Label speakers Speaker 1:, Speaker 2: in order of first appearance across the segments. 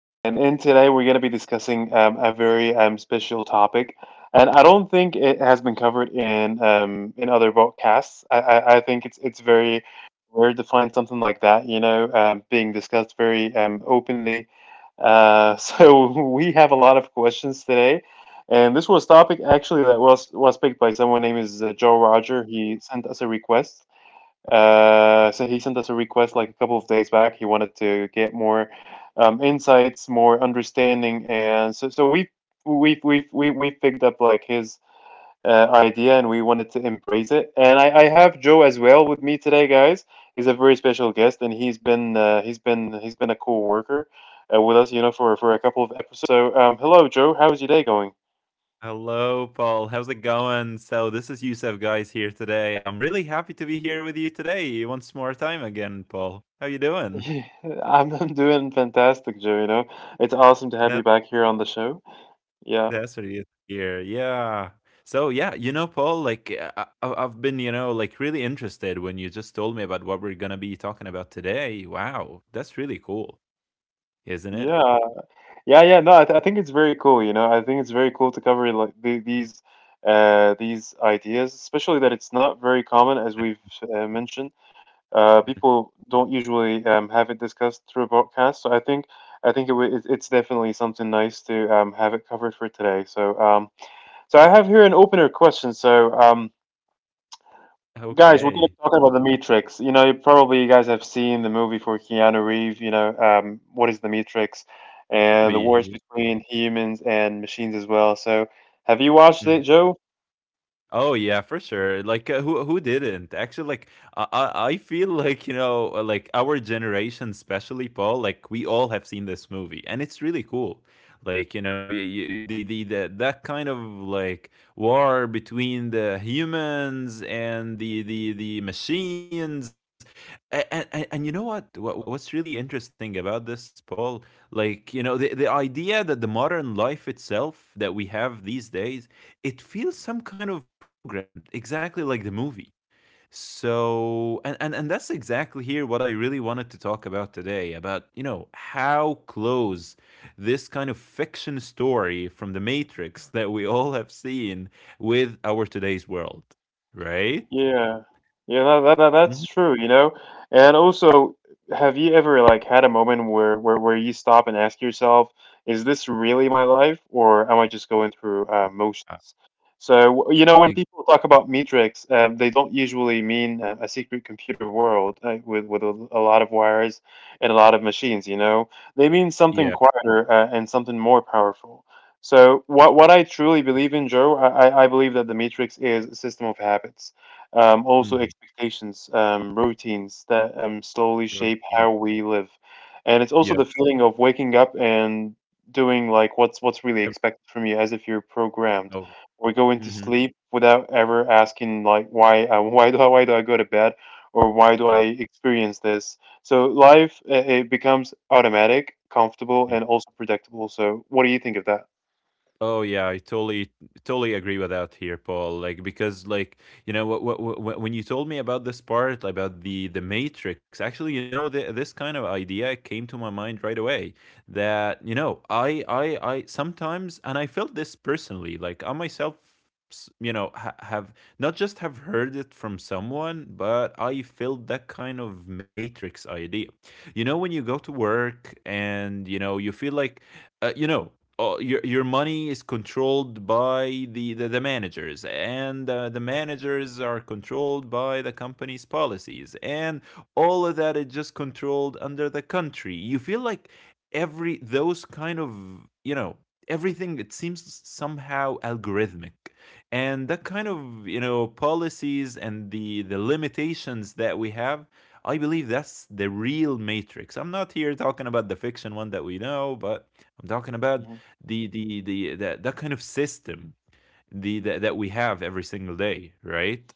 Speaker 1: And in today, we're going to be discussing a very special topic. And I don't think it has been covered in other podcasts. I think it's very rare to find something like that, you know, being discussed very openly. So we have a lot of questions today. And this was topic actually that was picked by someone named is Joe Roger. He sent us a request like a couple of days back. He wanted to get more insights, more understanding, and so we we picked up like his idea and we wanted to embrace it. And I have Joe as well with me today, guys. He's a very special guest, and he's been a co-worker with us, you know, for a couple of episodes. So hello, Joe. How's your day going?
Speaker 2: Hello, Paul. How's it going? So, this is Yusuf Guys here today. I'm really happy to be here with you today once more time again, Paul. How you doing?
Speaker 1: Yeah, I'm doing fantastic, Joe. You know, it's awesome to have
Speaker 2: That
Speaker 1: you back here on the show. Yeah.
Speaker 2: that's what you here. Yeah. So, yeah, you know, Paul, like I've been, like really interested when you just told me about what we're gonna be talking about today. Wow, that's really cool, isn't it?
Speaker 1: Yeah, Yeah, yeah, no, I, th- I think it's very cool. You know, I think it's very cool to cover like these ideas, especially that it's not very common, as we've mentioned. People don't usually have it discussed through a broadcast, so I think it's definitely something nice to have it covered for today. So, I have here an opener question. So, guys, we're going
Speaker 2: Okay,
Speaker 1: to be talking about The Matrix. You know, you guys have seen the movie for Keanu Reeves, you know, what is The Matrix and the wars
Speaker 2: movie.
Speaker 1: between humans and machines as well. So, have you watched it, Joe?
Speaker 2: Oh yeah, for sure. Like who didn't? Actually, like I I I feel like like our generation, especially Paul, like we all have seen this movie, and it's really cool. Like you, you, the that kind of like war between the humans and the machines. And you know what? What's really interesting about this, Paul? Like the idea that the modern life itself that we have these days, it feels some kind of program, exactly like the movie. So, and that's exactly here what I really wanted to talk about today about, how close this kind of fiction story from the Matrix that we all have seen with our today's world, right?
Speaker 1: Yeah, yeah, that
Speaker 2: Mhm.
Speaker 1: that's true, you know. And also, have you ever like had a moment where you stop and ask yourself, is this really my life, or am I just going through
Speaker 2: Uh,
Speaker 1: motions? So, you know,
Speaker 2: e-
Speaker 1: when people talk about metrics, they don't usually mean a secret computer world with a lot of wires and a lot of machines, you know. They mean
Speaker 2: yeah.
Speaker 1: something quieter and something more powerful. So what I truly believe in, Joe, I believe that the matrix is a system of habits, also
Speaker 2: Hmm.
Speaker 1: expectations, routines that slowly shape
Speaker 2: Protein.
Speaker 1: how we live. And it's
Speaker 2: Yeah.
Speaker 1: also the feeling of waking up and doing like what's really
Speaker 2: Everyone
Speaker 1: expected from you as if you're programmed,
Speaker 2: knows.
Speaker 1: or going to
Speaker 2: Hmm.
Speaker 1: sleep without ever asking like why, why do I go to bed or why do I experience this? So life, it becomes automatic, comfortable, and also predictable. So what do you think of that?
Speaker 2: Oh yeah, I totally agree with that here, Paul. Like because like you know what when you told me about this part about the Matrix, actually this kind of idea came to my mind right away. That I sometimes and I felt this personally. Like I myself, have not just have heard it from someone, but I felt that kind of Matrix idea. You know when you go to work and you feel like uh, you know oh, your money is controlled by the managers, and the managers are controlled by the company's policies, and all of that is just controlled under the country. You feel like every those kind of, you know everything it seems somehow algorithmic, and that kind of, policies and the limitations that we have. I believe that's the real Matrix. I'm not here talking about the fiction one that we know, but I'm talking about
Speaker 1: hmm
Speaker 2: the that that kind of system, that we have every single day, right?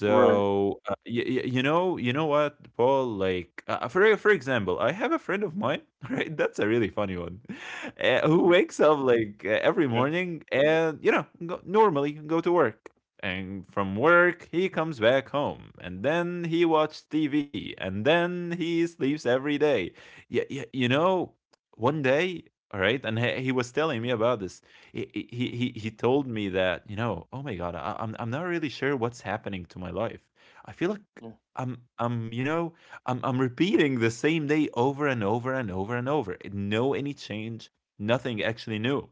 Speaker 1: Right.
Speaker 2: you know what, Paul? Like, for example, I have a friend of mine right, that's a really funny one. Who
Speaker 1: hmm
Speaker 2: wakes up like every
Speaker 1: Yeah.
Speaker 2: morning and, normally go to work, and from work he comes back home, and then he watches TV, and then he sleeps every day. Yeah, yeah, one day, all right. And he was telling
Speaker 1: hmm
Speaker 2: me about this. He told me that, oh my god, I'm not really sure what's happening to my life. I feel like
Speaker 1: Yeah.
Speaker 2: I'm you know I'm repeating the same day over and over and over and over. No any change, nothing actually new.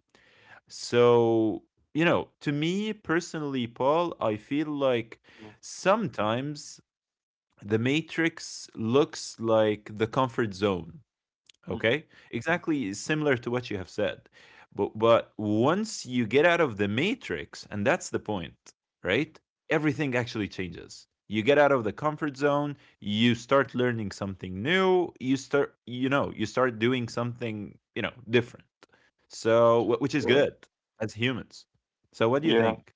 Speaker 2: So, to me personally, Paul, I feel like sometimes the Matrix looks like the comfort zone.
Speaker 1: hmm
Speaker 2: Okay, exactly similar to what you have said. But once you get out of the Matrix, and that's the point, right? Everything actually changes. You get out of the comfort zone, you start learning something new, you start doing something, different. So which is
Speaker 1: Right.
Speaker 2: good as humans. So what do you
Speaker 1: Yeah.
Speaker 2: think?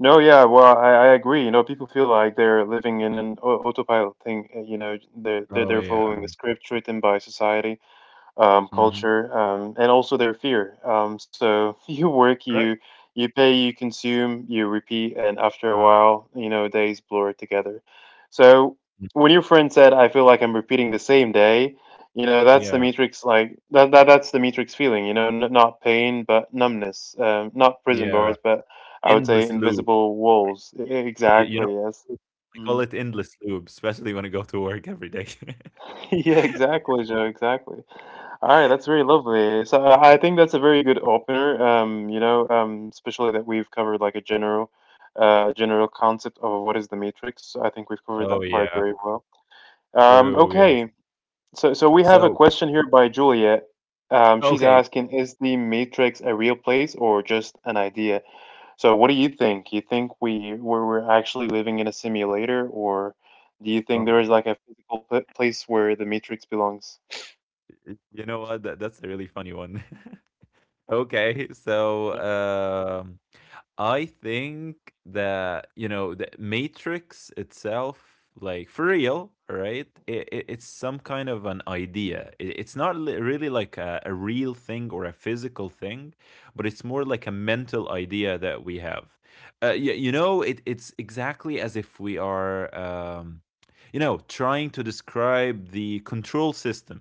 Speaker 1: No, yeah, well, I agree. You know, people feel like they're living in an autopilot thing. You know,
Speaker 2: Oh
Speaker 1: they're
Speaker 2: yeah.
Speaker 1: following a script written by society,
Speaker 2: Hmm.
Speaker 1: culture, and also their fear. So you work,
Speaker 2: Right.
Speaker 1: you pay, you consume, you repeat, and after a while, you know, days blur together. So
Speaker 2: Mm.
Speaker 1: when your friend said, "I feel like I'm repeating the same day," you know, that's the
Speaker 2: Yeah.
Speaker 1: matrix. Like that that's the matrix feeling. You know, not pain, but numbness. Not prison
Speaker 2: Yeah.
Speaker 1: bars, but I would say
Speaker 2: Endless loop.
Speaker 1: invisible walls.
Speaker 2: You you know,
Speaker 1: Exactly. Yes.
Speaker 2: I call
Speaker 1: Mm.
Speaker 2: it endless loop, especially when I go to work every day.
Speaker 1: Yeah, exactly, Joe. Exactly. All right, that's very lovely. So I think that's a very good opener. You know, especially that we've covered like a general concept of what is the matrix. I think we've covered
Speaker 2: Oh,
Speaker 1: that part
Speaker 2: yeah.
Speaker 1: very well.
Speaker 2: True, yeah.
Speaker 1: Okay, so we have a
Speaker 2: So
Speaker 1: question here by Juliet. She's
Speaker 2: okay.
Speaker 1: asking, is the matrix a real place or just an idea? So what do you think? You think we're actually living in a simulator, or do you think there
Speaker 2: Oh,
Speaker 1: is like a physical p place where the Matrix belongs?
Speaker 2: y you know what? That's a really funny one. Okay, so
Speaker 1: Okay.
Speaker 2: I think that, the Matrix itself, like for real, right? It's some kind of an idea. It's not really like a real thing or a physical thing, but it's more like a mental idea that we have. It, it's exactly as if we are, trying to describe the control system,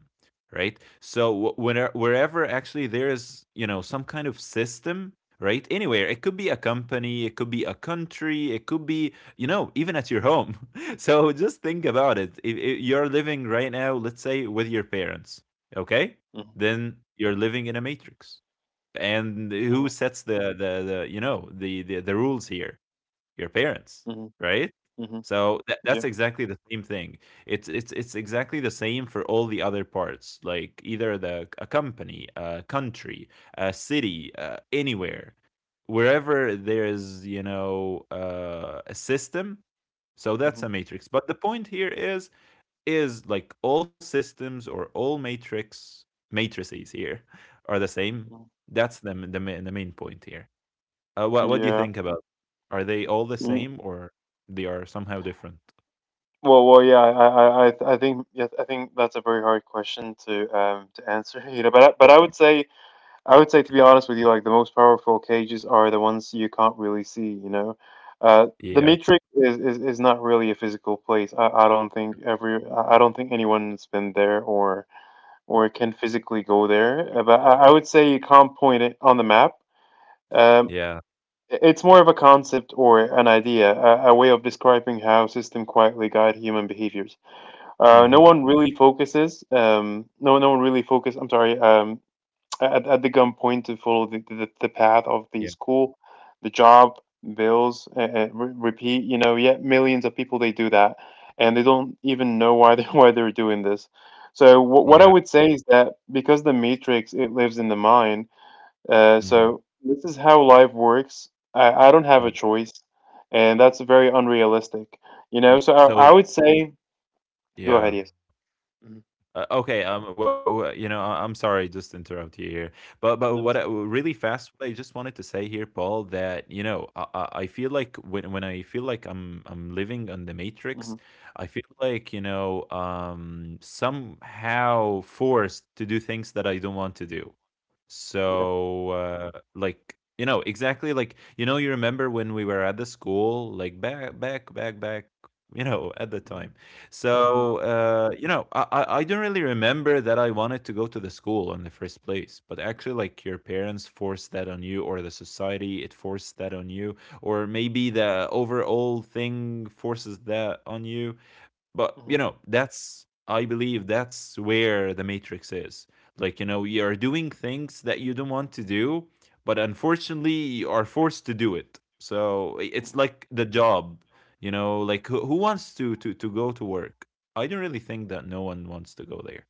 Speaker 2: right? So whenever, wherever actually there is, some kind of system, right? Anywhere, it could be a company, it could be a country, it could be, even at your home. So just think about it. If you're living right now, let's say with your parents, okay?
Speaker 1: Mhm,
Speaker 2: Then you're living in a matrix. And who
Speaker 1: mhm,
Speaker 2: sets the you know the rules here? Your parents,
Speaker 1: mhm,
Speaker 2: right?
Speaker 1: mhm,
Speaker 2: So that's
Speaker 1: Yeah.
Speaker 2: exactly the same thing. It's exactly the same for all the other parts, like either the a company, a country, a city, anywhere, wherever there is, a system. So that's a
Speaker 1: mhm,
Speaker 2: matrix. But the point here is, like all systems or all matrix matrices here are the same.
Speaker 1: mhm,
Speaker 2: That's the main point here. What do you
Speaker 1: Yeah.
Speaker 2: think about? Are they all the
Speaker 1: Mm,
Speaker 2: same, or they are somehow different?
Speaker 1: Well, well, yeah. I think, yes, I think that's a very hard question to answer. You know, but I would say, to be honest with you, like the most powerful cages are the ones you can't really see, you know. The
Speaker 2: Yeah.
Speaker 1: Matrix is not really a physical place. I don't think anyone's been there
Speaker 2: Mm,
Speaker 1: or can physically go there.
Speaker 2: I.
Speaker 1: But I would say you can't point it on the map. Um,
Speaker 2: Yeah.
Speaker 1: it's more of a concept or an idea, a way of describing how system quietly guide human behaviors.
Speaker 2: Hmm.
Speaker 1: No, no one really focus. I'm sorry. At the gunpoint to follow the path of the
Speaker 2: Yeah.
Speaker 1: school, the job, bills, repeat. You know, yet millions of people they do that, and they don't even know why they why they're doing this. So what I would say is that because the matrix it lives in the mind,
Speaker 2: Mm-hmm.
Speaker 1: so this is how life works. I don't have a
Speaker 2: Yeah.
Speaker 1: choice, and that's very unrealistic. You know,
Speaker 2: Hmm.
Speaker 1: so I
Speaker 2: So
Speaker 1: would say, go ahead,
Speaker 2: yeah.
Speaker 1: yes. Mm-hmm.
Speaker 2: Okay. I'm sorry. Just to interrupt you here. But what I,
Speaker 1: No, that's fine.
Speaker 2: really fast. What I just wanted to say here, Paul. That you know. I feel like when I feel like I'm living on the Matrix.
Speaker 1: hmm
Speaker 2: I feel like, somehow forced to do things that I don't want to do.
Speaker 1: Yeah.
Speaker 2: So, like, exactly like, you remember when we were at the school, like at the
Speaker 1: hmm
Speaker 2: time.
Speaker 1: hmm
Speaker 2: So, I don't really remember that I wanted to go to the school in the first place, but actually, like, your parents forced that on you, or the society, it forced that on you, or maybe the overall thing forces that on you. But,
Speaker 1: hmm
Speaker 2: I believe that's where the Matrix is. Like, you're doing things that you don't want to do, but unfortunately, you are forced to do it. So it's like the job, like who wants to go to work? I don't really think that no one wants to go there,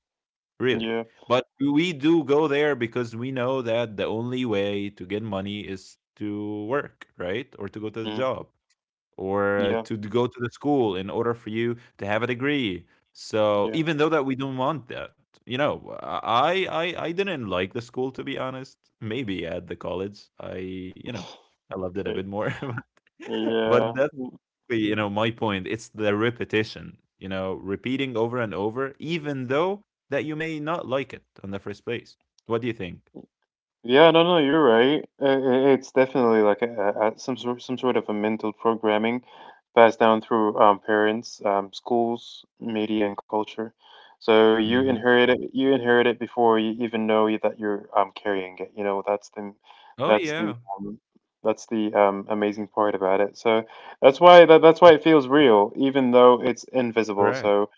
Speaker 2: really.
Speaker 1: Yeah.
Speaker 2: But we do go there because we know that the only way to get money is to work, right? Or to go to the
Speaker 1: Mm-hmm.
Speaker 2: job or
Speaker 1: Yeah,
Speaker 2: go to the school in order for you to have a degree. So
Speaker 1: yeah.
Speaker 2: even though that we don't want that, I didn't like the school, to be honest. Maybe at the college, you know, I loved it a
Speaker 1: Okay.
Speaker 2: bit more. But
Speaker 1: Yeah.
Speaker 2: that's
Speaker 1: Mm.
Speaker 2: my point. It's the repetition. Repeating over and over, even though that you may not like it on the first place. What do you think?
Speaker 1: Yeah, no, no, you're right. It's definitely like some sort of a mental programming passed down through parents, schools, media, and culture. So
Speaker 2: Hmm.
Speaker 1: you inherit it before you even know that you're carrying it. You know,
Speaker 2: Oh
Speaker 1: that's
Speaker 2: yeah,
Speaker 1: the, um, that's the amazing part about it. So that's why that's why it feels real, even though it's invisible.
Speaker 2: correct.
Speaker 1: So.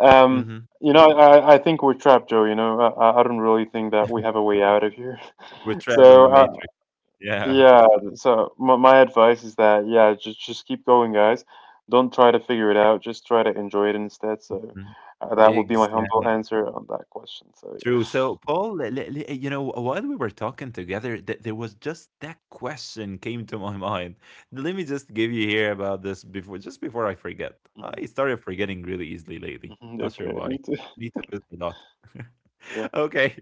Speaker 1: Um,
Speaker 2: Hmm.
Speaker 1: you know, I think we're trapped, Joe. You know, I don't really think that we have a way out of here.
Speaker 2: We're trapped on the
Speaker 1: So,
Speaker 2: Matrix. Yeah.
Speaker 1: yeah. So, my advice is that, yeah, just keep going, guys. Don't try to figure it out. Just try to enjoy it instead. So,
Speaker 2: Mhm.
Speaker 1: that would be my
Speaker 2: Exactly.
Speaker 1: humble answer on that question. So, yeah.
Speaker 2: True. So, Paul, while we were talking together, there was just that question came to my mind. Let me just give you here about this before, just before I forget.
Speaker 1: Mhm.
Speaker 2: I started forgetting really easily lately.
Speaker 1: Mhm.
Speaker 2: Not sure
Speaker 1: Okay, me
Speaker 2: why.
Speaker 1: too.
Speaker 2: Need to visit the doctor.
Speaker 1: Yeah.
Speaker 2: Okay.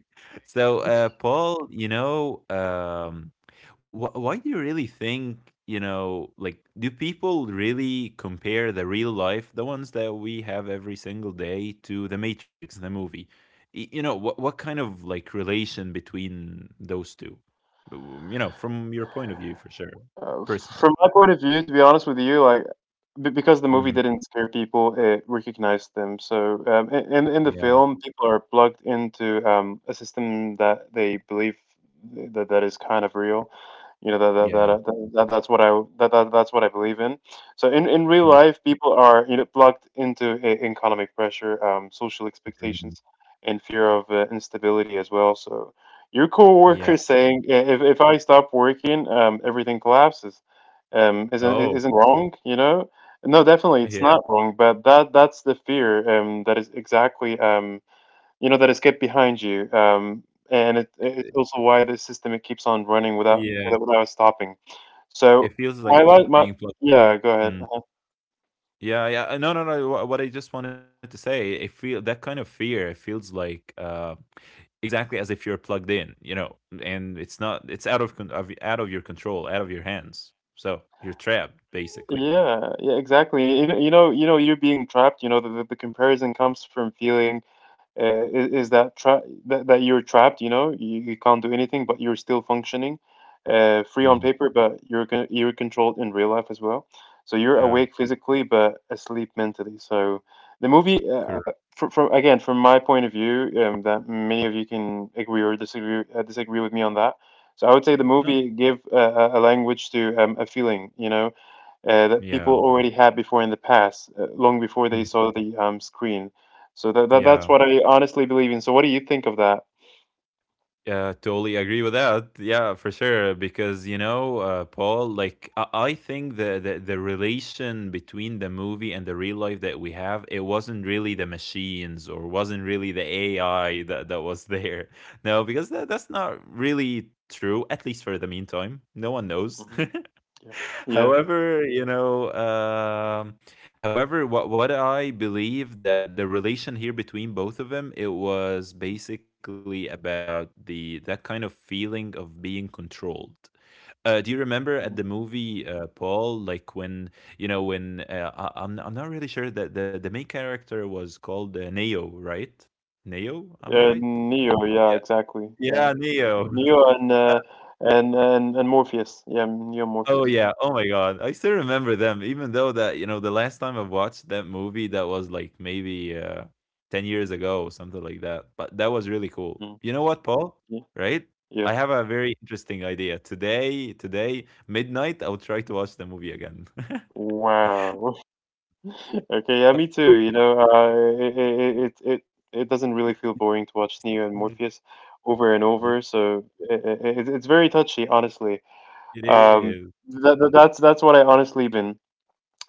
Speaker 2: So, Paul, why do you really think, like, do people really compare the real life, the ones that we have every single day, to The Matrix, the movie? You know, what kind of like relation between those two? You know, from your point of view for sure,
Speaker 1: Uh, from
Speaker 2: personally.
Speaker 1: my point of view, to be honest with you, like Be- because the movie
Speaker 2: Hmm.
Speaker 1: didn't scare people, it recognized them. So in the
Speaker 2: Yeah.
Speaker 1: film, people are plugged into a system that they believe that is kind of real. You know that that, that,
Speaker 2: Yeah.
Speaker 1: that, that that's what I that, that that's what I believe in. So in real life, people are you know plugged into economic pressure, social
Speaker 2: Mhm.
Speaker 1: expectations, and fear of instability as well. So your
Speaker 2: Yeah.
Speaker 1: coworker saying, If I stop working, everything collapses,"
Speaker 2: Oh,
Speaker 1: isn't wrong, you know? No, definitely, it's
Speaker 2: yeah.
Speaker 1: not wrong, but that that's the fear that is exactly you know that is kept behind you, and it's also why the system it keeps on running without
Speaker 2: Yeah.
Speaker 1: stopping.
Speaker 2: It
Speaker 1: So
Speaker 2: feels like
Speaker 1: my li- my
Speaker 2: being plugged.
Speaker 1: yeah, go ahead.
Speaker 2: Mm. Yeah, yeah. No, no, no. What I just wanted to say, it feel that kind of fear, it feels like, exactly as if you're plugged in, and it's not, it's out out of your control, out of your hands. So, you're trapped basically.
Speaker 1: Yeah, yeah, exactly. You know, you're being trapped. You know, the comparison comes from feeling, is that trap that you're trapped. You know, you can't do anything, but you're still functioning, free on
Speaker 2: Mm.
Speaker 1: paper, but you're controlled in real life as well. So you're
Speaker 2: Yeah.
Speaker 1: awake physically, but asleep mentally. So the movie,
Speaker 2: Correct.
Speaker 1: from again, from my point of view, that many of you can agree or disagree with me on that. So I would say the
Speaker 2: No.
Speaker 1: movie give a language to a feeling. You know, that
Speaker 2: Yeah.
Speaker 1: people already had before in the past, long before they
Speaker 2: Mm.
Speaker 1: saw the screen. So that that's
Speaker 2: Yeah.
Speaker 1: what I honestly believe in. So what do you think of that?
Speaker 2: Yeah. Totally agree with that. Yeah, for sure. Because, Paul, like I think the relation between the movie and the real life that we have, it wasn't really the machines, or wasn't really the AI that was there. No, because that's not really true. At least for the meantime, no one knows.
Speaker 1: hmm Yeah. Yeah.
Speaker 2: However, however, what I believe that the relation here between both of them, it was basically about the that kind of feeling of being controlled. Do you remember at the
Speaker 1: Mhm.
Speaker 2: movie Paul, like when you know when I'm not really sure that the main character was called Neo, right? Neo, am I right?
Speaker 1: Neo. Yeah.
Speaker 2: Yeah,
Speaker 1: Exactly. Yeah.
Speaker 2: yeah, Neo.
Speaker 1: Neo and and Morpheus. Yeah. Neo and
Speaker 2: Oh,
Speaker 1: Morpheus.
Speaker 2: yeah. Oh my god. I still remember them, even though that, you know, the last time I watched that movie, that was like maybe 10 years ago, something like that. But that was really cool.
Speaker 1: Mm.
Speaker 2: You know what, Paul?
Speaker 1: Yeah.
Speaker 2: Right?
Speaker 1: Yeah.
Speaker 2: I have a very interesting idea. Today, midnight, I'll try to watch the movie again.
Speaker 1: Wow. Okay.
Speaker 2: But-
Speaker 1: Yeah. Me too. You know, it doesn't really feel boring to watch Neo and
Speaker 2: Mhm.
Speaker 1: Morpheus over and
Speaker 2: It
Speaker 1: over. So it's very touchy, honestly.
Speaker 2: it
Speaker 1: Um,
Speaker 2: is.
Speaker 1: that's what I honestly been.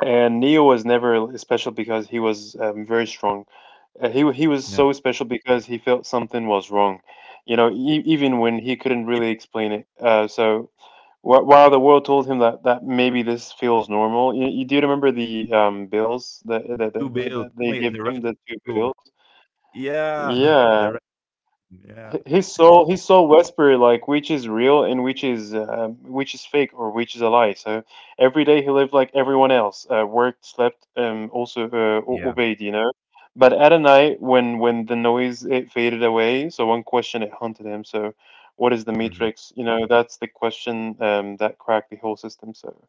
Speaker 1: And Neo was never special because he was very strong. He was
Speaker 2: No.
Speaker 1: so special because he felt something was wrong, you know,
Speaker 2: It-
Speaker 1: even when he couldn't
Speaker 2: it's
Speaker 1: really explain it. While the world told him that maybe this feels normal, you do remember the bills that that,
Speaker 2: two
Speaker 1: that that
Speaker 2: bills.
Speaker 1: that they
Speaker 2: Wait,
Speaker 1: give
Speaker 2: the red
Speaker 1: him,
Speaker 2: and
Speaker 1: the two
Speaker 2: blue one.
Speaker 1: bills.
Speaker 2: Yeah. The
Speaker 1: Yeah,
Speaker 2: red. Yeah.
Speaker 1: he saw Westbury, like which is real and which is fake or which is a lie. So every day he lived like everyone else. Worked, slept, also
Speaker 2: Yeah.
Speaker 1: obeyed, you know. But at a night when the noise it faded away, so one question it haunted him. So what is the
Speaker 2: Mhm.
Speaker 1: Matrix? You know, that's the question that cracked the whole system. So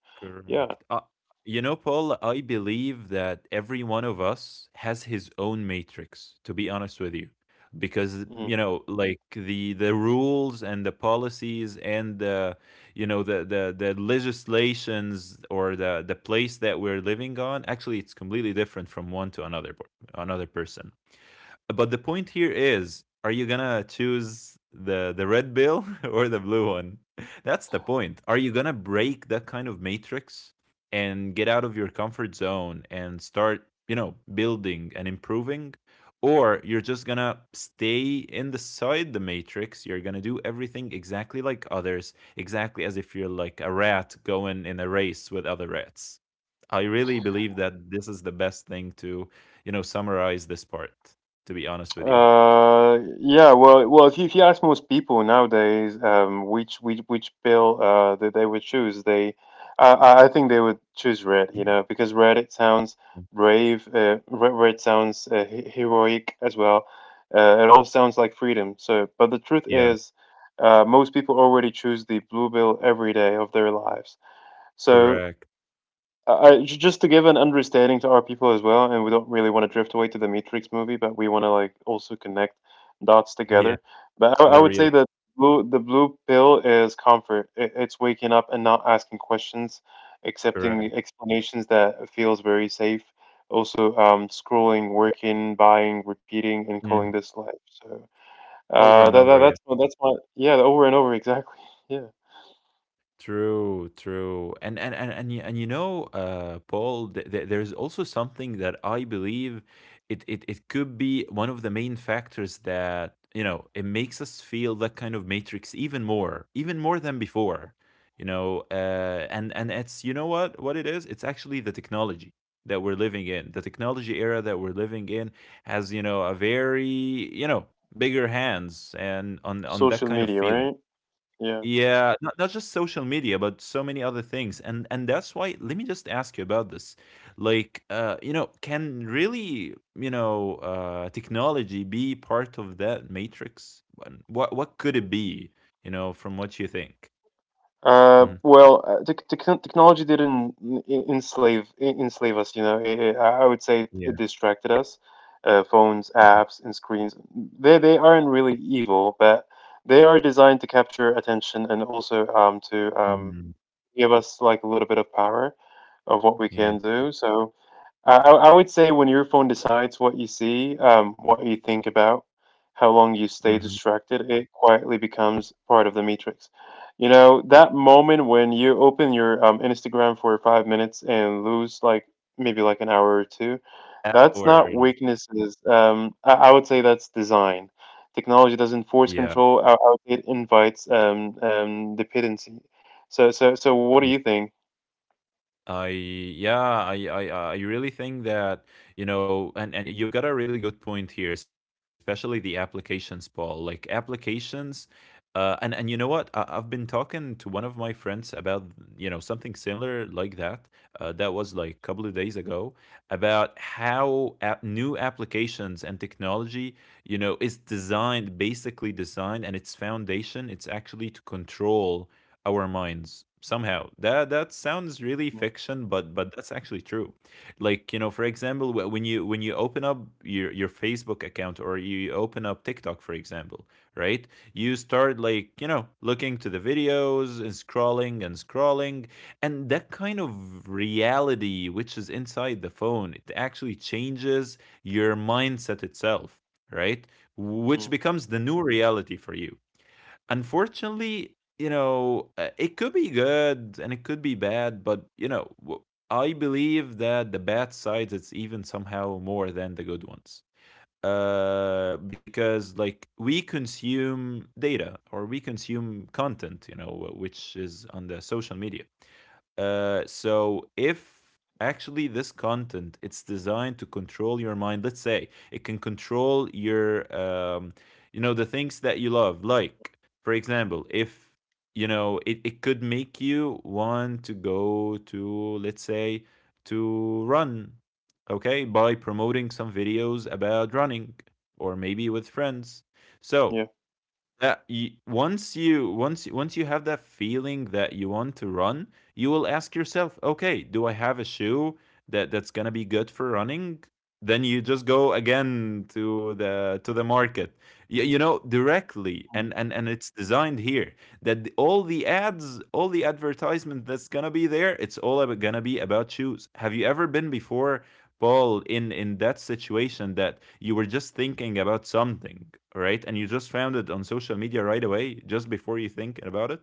Speaker 1: yeah.
Speaker 2: Correct. You know, Paul, I believe that every one of us has his own matrix, to be honest with you. Because,
Speaker 1: Mm-hmm.
Speaker 2: you know, like the rules and the policies and the you know the legislations or the place that we're living on, actually it's completely different from one to another another person. But the point here is, are you gonna choose the red bill or the blue one? That's the point. Are you gonna break that kind of matrix and get out of your comfort zone and start, you know, building and improving? Or you're just gonna stay inside the matrix. You're gonna do everything exactly like others, exactly as if you're like a rat going in a race with other rats. I really believe that this is the best thing to, you know, summarize this part, to be honest with you.
Speaker 1: Well, if you ask most people nowadays, which pill that they would choose, I think they would choose red, you know, because red it sounds brave. Red, red sounds heroic as well. It all sounds like freedom. So, but the truth
Speaker 2: Yeah,
Speaker 1: is, most people already choose the blue pill every day of their lives. So
Speaker 2: correct.
Speaker 1: just to give an understanding to our people as well, and we don't really want to drift away to the Matrix movie, but we want to like also connect dots
Speaker 2: Yeah,
Speaker 1: together. But I
Speaker 2: the
Speaker 1: would say
Speaker 2: real,
Speaker 1: that blue, the blue pill is comfort. It's waking up and not asking questions, accepting
Speaker 2: correct.
Speaker 1: explanations that feels very safe. Also, scrolling, working, buying, repeating, and calling
Speaker 2: Mm.
Speaker 1: this life. So
Speaker 2: Over and
Speaker 1: that,
Speaker 2: over,
Speaker 1: that
Speaker 2: yeah.
Speaker 1: that's my, yeah, over and over exactly. Yeah,
Speaker 2: True, true, and you, and you know, Paul, there is also something that I believe it could be one of the main factors that you know it makes us feel that kind of matrix even more than before, you know, and it's you know what it is? It's actually the technology that we're living in. The technology era that we're living in has you know a very you know bigger hands and on that kind
Speaker 1: social
Speaker 2: of
Speaker 1: media,
Speaker 2: feeling.
Speaker 1: right? Yeah.
Speaker 2: Yeah, not just social media, but so many other things. And that's why let me just ask you about this. Like, you know, can really, you know, technology be part of that matrix? What could it be, you know, from what you think? Hmm.
Speaker 1: Well, technology didn't enslave us. You know, I would say it it
Speaker 2: Yeah.
Speaker 1: distracted us. Phones,
Speaker 2: Mhm.
Speaker 1: apps, and screens. They aren't really evil, but they are designed to capture attention and also to
Speaker 2: Mm.
Speaker 1: give us like a little bit of power of what we can
Speaker 2: Yeah.
Speaker 1: do. So I would say when your phone decides what you see, what you think about, how long you stay
Speaker 2: Hmm.
Speaker 1: distracted, it quietly becomes part of the matrix. You know, that moment when you open your Instagram for 5 minutes and lose like maybe like an hour or two, that's not
Speaker 2: Hours.
Speaker 1: weaknesses. I would say that's design. Technology doesn't force
Speaker 2: Yeah.
Speaker 1: control, it invites dependency. So, so, so what do you think?
Speaker 2: I yeah, I really think that, you know, and you've got a really good point here, especially the applications, Paul. Like applications, and you know what? I've been talking to one of my friends about, you know, something similar like that. That was like a couple of days ago about how new applications and technology, you know, is designed, basically designed, and its foundation, it's actually to control our minds somehow that that sounds really
Speaker 1: Mm,
Speaker 2: fiction but that's actually true like you know for example when you open up your Facebook account or you open up TikTok for example right you start like you know looking to the videos and scrolling and scrolling and that kind of reality which is inside the phone it actually changes your mindset itself right
Speaker 1: mm,
Speaker 2: which becomes the new reality for you unfortunately, you know, it could be good and it could be bad, but you know, w- I believe that the bad sides it's even somehow more than the good ones because like we consume data or we consume content, you know, which is on the social media. So if actually this content it's designed to control your mind, let's say it can control your, you know, the things that you love. Like for example, if you know it, it could make you want to go to let's say to run okay, by promoting some videos about running or maybe with friends.
Speaker 1: yeah.
Speaker 2: So that you, once you have that feeling that you want to run, you will ask yourself, okay, do I have a shoe that that's gonna be good for running? Then you just go again to the market, you know, directly,
Speaker 1: Mm-hmm.
Speaker 2: and and it's designed here that the, all the ads, all the advertisement that's gonna be there, it's all about, gonna be about shoes. Have you ever been before Paul in that situation that you were just thinking about something, right? And you just found it on social media right away, just before you think about it,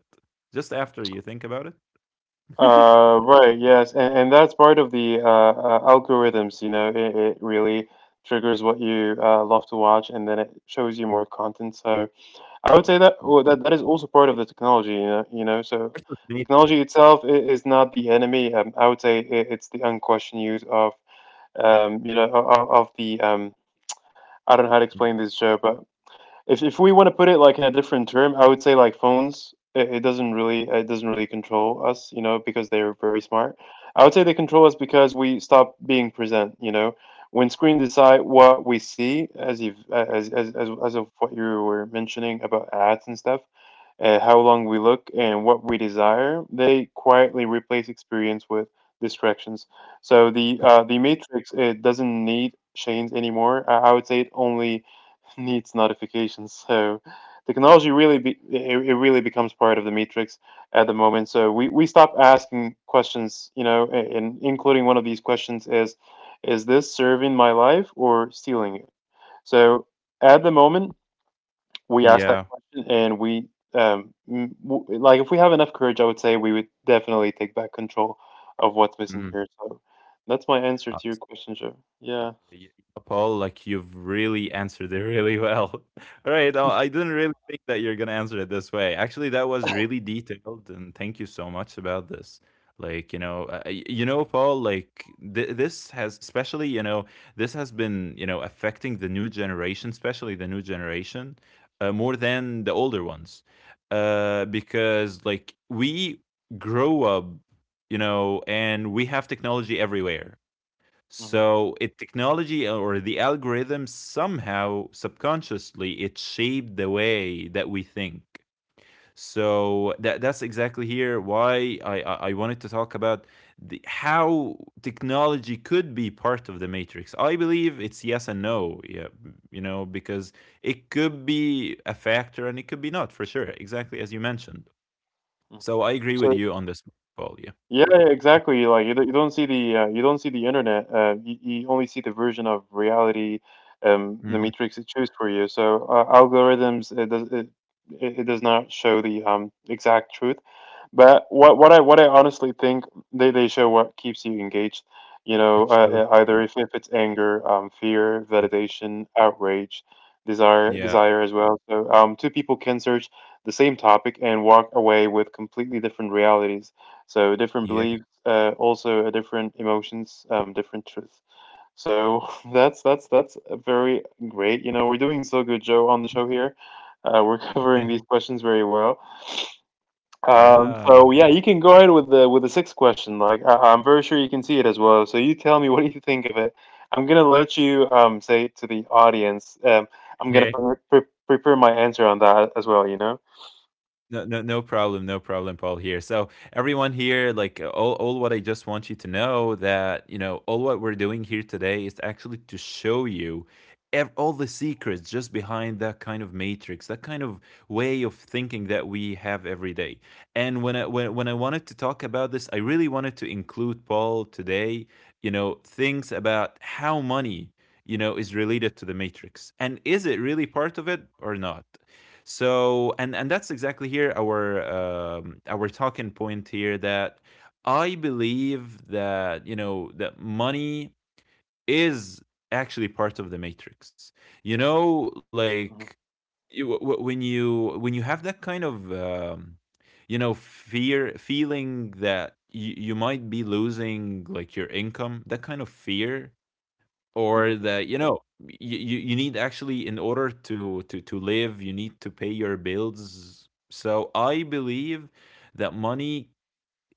Speaker 2: just after you think about it.
Speaker 1: Right, yes, and that's part of the algorithms, you know, it really triggers what you love to watch, and then it shows you more content. So I would say that, well, that, that is also part of the technology, you know, so
Speaker 2: Versus me.
Speaker 1: technology itself is not the enemy. I would say it's the unquestioned use of, you know, of the, I don't know how to
Speaker 2: Mm.
Speaker 1: explain this show, but. If we want to put it like in a different term, I would say like phones. It doesn't really control us, you know, because they're very smart. I would say they control us because we stop being present, you know. When screen decide what we see, as you've as of what you were mentioning about ads and stuff, how long we look, and what we desire, they quietly replace experience with distractions. So the matrix it doesn't need chains anymore. I would say it only needs notifications. So technology really it really becomes part of the matrix at the moment. So we stop asking questions, you know, and including one of these questions is this serving my life or stealing it? So at the moment we asked
Speaker 2: Yeah.
Speaker 1: that question and we like, if we have enough courage, I would say we would definitely take back control of what's missing
Speaker 2: Mhm.
Speaker 1: here. So that's my answer
Speaker 2: I
Speaker 1: to your question, Joe. Yeah.
Speaker 2: Yeah, Paul, like you've really answered it really well. All right, I didn't really think that you're gonna answer it this way. Actually, that was really detailed, and thank you so much about this. Like you know, you know, Paul, like this has, especially you know, this has been you know affecting the new generation, especially the new generation, more than the older ones, because like we grow up you know, and we have technology everywhere. So it technology or the algorithm somehow subconsciously it shaped the way that we think. So that that's exactly here why I wanted to talk about the, how technology could be part of the matrix. I believe it's yes and no. Yeah, you know because it could be a factor and it could be not for sure. Exactly as you mentioned.
Speaker 1: Hmm.
Speaker 2: So I agree with you on this, Paul. Yeah.
Speaker 1: Yeah,
Speaker 2: Yeah.
Speaker 1: exactly. You don't see the you don't see the internet. You only see the version of reality, the
Speaker 2: Hmm.
Speaker 1: matrix it chooses for you. So algorithms it does it, it does not show the exact truth. But what I honestly think, they show what keeps you engaged. You know,
Speaker 2: It shows.
Speaker 1: either if it's anger, fear,
Speaker 2: Mm.
Speaker 1: validation, outrage,
Speaker 2: Yeah.
Speaker 1: desire as well. So two people can search the same topic and walk away with completely different realities. So different
Speaker 2: Yeah.
Speaker 1: beliefs, also a different emotions, different truth. So that's a very great. You know, we're doing so good, Joe, on the show here. We're covering these questions very well.
Speaker 2: Yeah.
Speaker 1: So yeah, you can go ahead with the sixth question. Like I'm very sure you can see it as well. So you tell me what do you think of it. I'm gonna let you say to the audience. I'm gonna
Speaker 2: Hey,
Speaker 1: prepare my answer on that as well. You know.
Speaker 2: no problem, no problem, Paul. Here, so everyone here, like all what I just want you to know that you know all what we're doing here today is actually to show you all the secrets just behind that kind of matrix, that kind of way of thinking that we have every day. And when I when I wanted to talk about this, I really wanted to include Paul today. You know things about how money you know is related to the matrix and is it really part of it or not. So and that's exactly here our talking point here that I believe that you know that money is actually part of the matrix. You know, like
Speaker 1: Hmm.
Speaker 2: you, when you when you have that kind of you know fear feeling that you might be losing like your income that kind of fear or
Speaker 1: Yeah.
Speaker 2: the you know you you need actually in order to live you need to pay your bills so I believe that money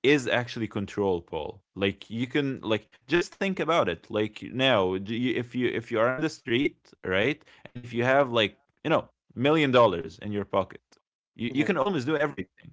Speaker 2: is actually control Paul like you can like just think about it like now do you, if you if you are on the street right and if you have like you know $1 million in your pocket you, you
Speaker 1: Yeah.
Speaker 2: can almost do everything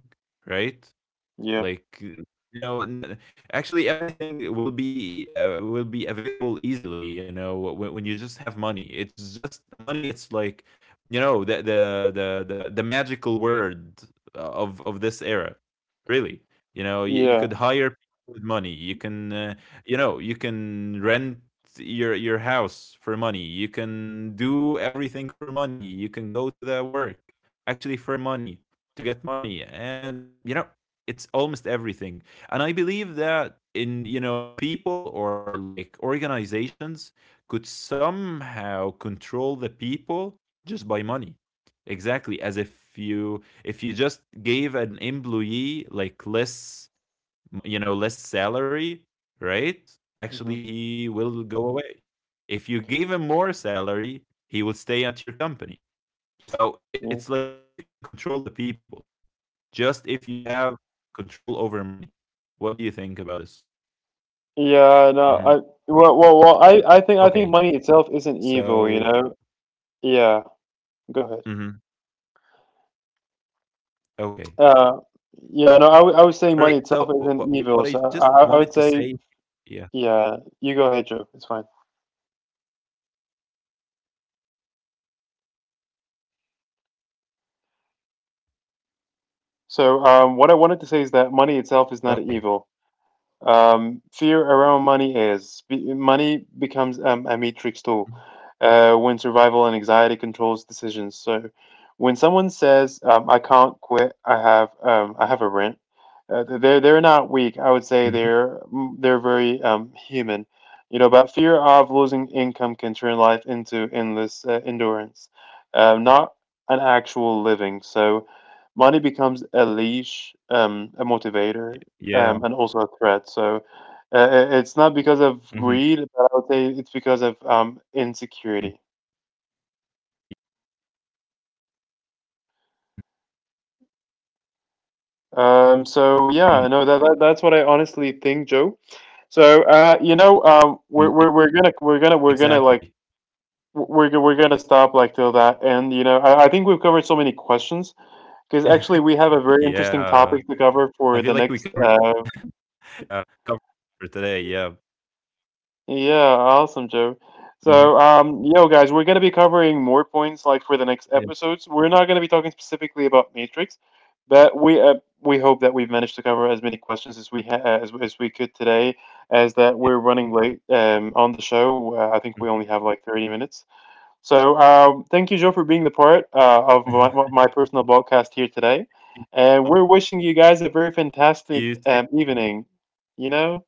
Speaker 2: right
Speaker 1: Yeah.
Speaker 2: like, you know, n actually everything will be available easily, you know, when you just have money. It's just money, it's like, you know, the magical word of this era, really. You know, you could hire people with money. You can, you know, you can rent your house for money. You can do everything for money. You can go to the work actually for money to get money. And you know, it's almost everything and I believe that in you know people or like organizations could somehow control the people just by money exactly as if you just gave an employee like less you know less salary right
Speaker 1: Mm-hmm.
Speaker 2: actually he will go away if you gave him more salary he will stay at your company so
Speaker 1: Yeah. Hmm.
Speaker 2: it's like you can control the people just if you have control over money. What do you think about this?
Speaker 1: Yeah, no,
Speaker 2: Hmm.
Speaker 1: I Well,
Speaker 2: Okay.
Speaker 1: I think money itself isn't evil,
Speaker 2: So,
Speaker 1: you know. Yeah, go ahead.
Speaker 2: hmm okay.
Speaker 1: Uh, yeah, no, I would say
Speaker 2: All
Speaker 1: money
Speaker 2: right. So,
Speaker 1: itself isn't evil,
Speaker 2: what I
Speaker 1: so I,
Speaker 2: just
Speaker 1: I I would
Speaker 2: wanted to
Speaker 1: say,
Speaker 2: say. Yeah.
Speaker 1: yeah, you go ahead, Joe. It's fine. So, what I wanted to say is that
Speaker 2: Okay.
Speaker 1: money itself is not evil. Fear around money is money becomes a matrix tool when survival and anxiety controls decisions. So when someone says, "I can't quit," I have a rent. They're they're
Speaker 2: Mhm.
Speaker 1: not weak. I would say they're mm, they're very human, you know. But fear of losing income can turn life into endless endurance, not an actual living. So money becomes a leash, a
Speaker 2: Yeah.
Speaker 1: motivator, and also a threat. So it's not
Speaker 2: Hmm.
Speaker 1: because of greed, but I would say it's because of
Speaker 2: Hmm.
Speaker 1: insecurity. So yeah, no, that's what I honestly think, Joe. So you know,
Speaker 2: Mm, exactly.
Speaker 1: we're gonna like we're gonna stop like till that end. You know, I think we've covered so many questions because actually we have a very
Speaker 2: Yeah.
Speaker 1: interesting topic to
Speaker 2: I
Speaker 1: cover
Speaker 2: feel like
Speaker 1: for
Speaker 2: we
Speaker 1: the
Speaker 2: covered
Speaker 1: next,
Speaker 2: it for today. Yeah.
Speaker 1: yeah,
Speaker 2: Hmm.
Speaker 1: awesome, Joe. So, yo, guys, we're gonna be covering
Speaker 2: Yeah.
Speaker 1: more points like for the next episodes. We're not gonna be talking specifically about Matrix, but we hope that we've managed to cover as many questions as we ha as we could
Speaker 2: Yeah.
Speaker 1: today. As that we're running late on the
Speaker 2: Hmm.
Speaker 1: show, I think we only have like 30 minutes. So, thank you, Joe, for being the part of my personal broadcast here today, and we're wishing you guys a very
Speaker 2: You too.
Speaker 1: fantastic evening. You know.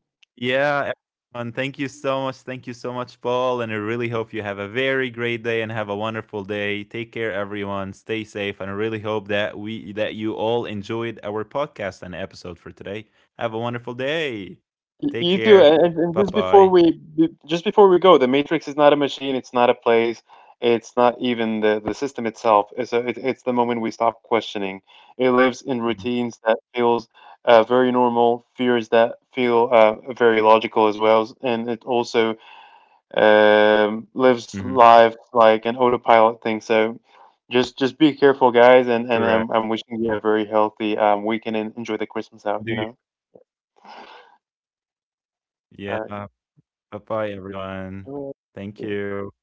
Speaker 2: Yeah, everyone. Thank you so much. Thank you so much, Paul. And I really hope you have a very great day and have a wonderful day. Take care, everyone. Stay safe. And I really hope that we that you all enjoyed our podcast and episode for today. Have a wonderful day. Take
Speaker 1: You too,
Speaker 2: care.
Speaker 1: and
Speaker 2: Bye bye.
Speaker 1: just before we go, the Matrix is not a machine. It's not a place. It's not even the system itself. It's the moment we stop questioning. It lives in routines that feels very normal, fears that feel very logical as well, and it also lives
Speaker 2: Hmm.
Speaker 1: life like an autopilot thing. So just be careful, guys, and I'm
Speaker 2: Correct.
Speaker 1: wishing you a very healthy weekend and enjoy the Christmas
Speaker 2: Do your-
Speaker 1: out. You know.
Speaker 2: yeah.
Speaker 1: All right.
Speaker 2: Bye bye, everyone.
Speaker 1: All
Speaker 2: Thank
Speaker 1: right.
Speaker 2: you.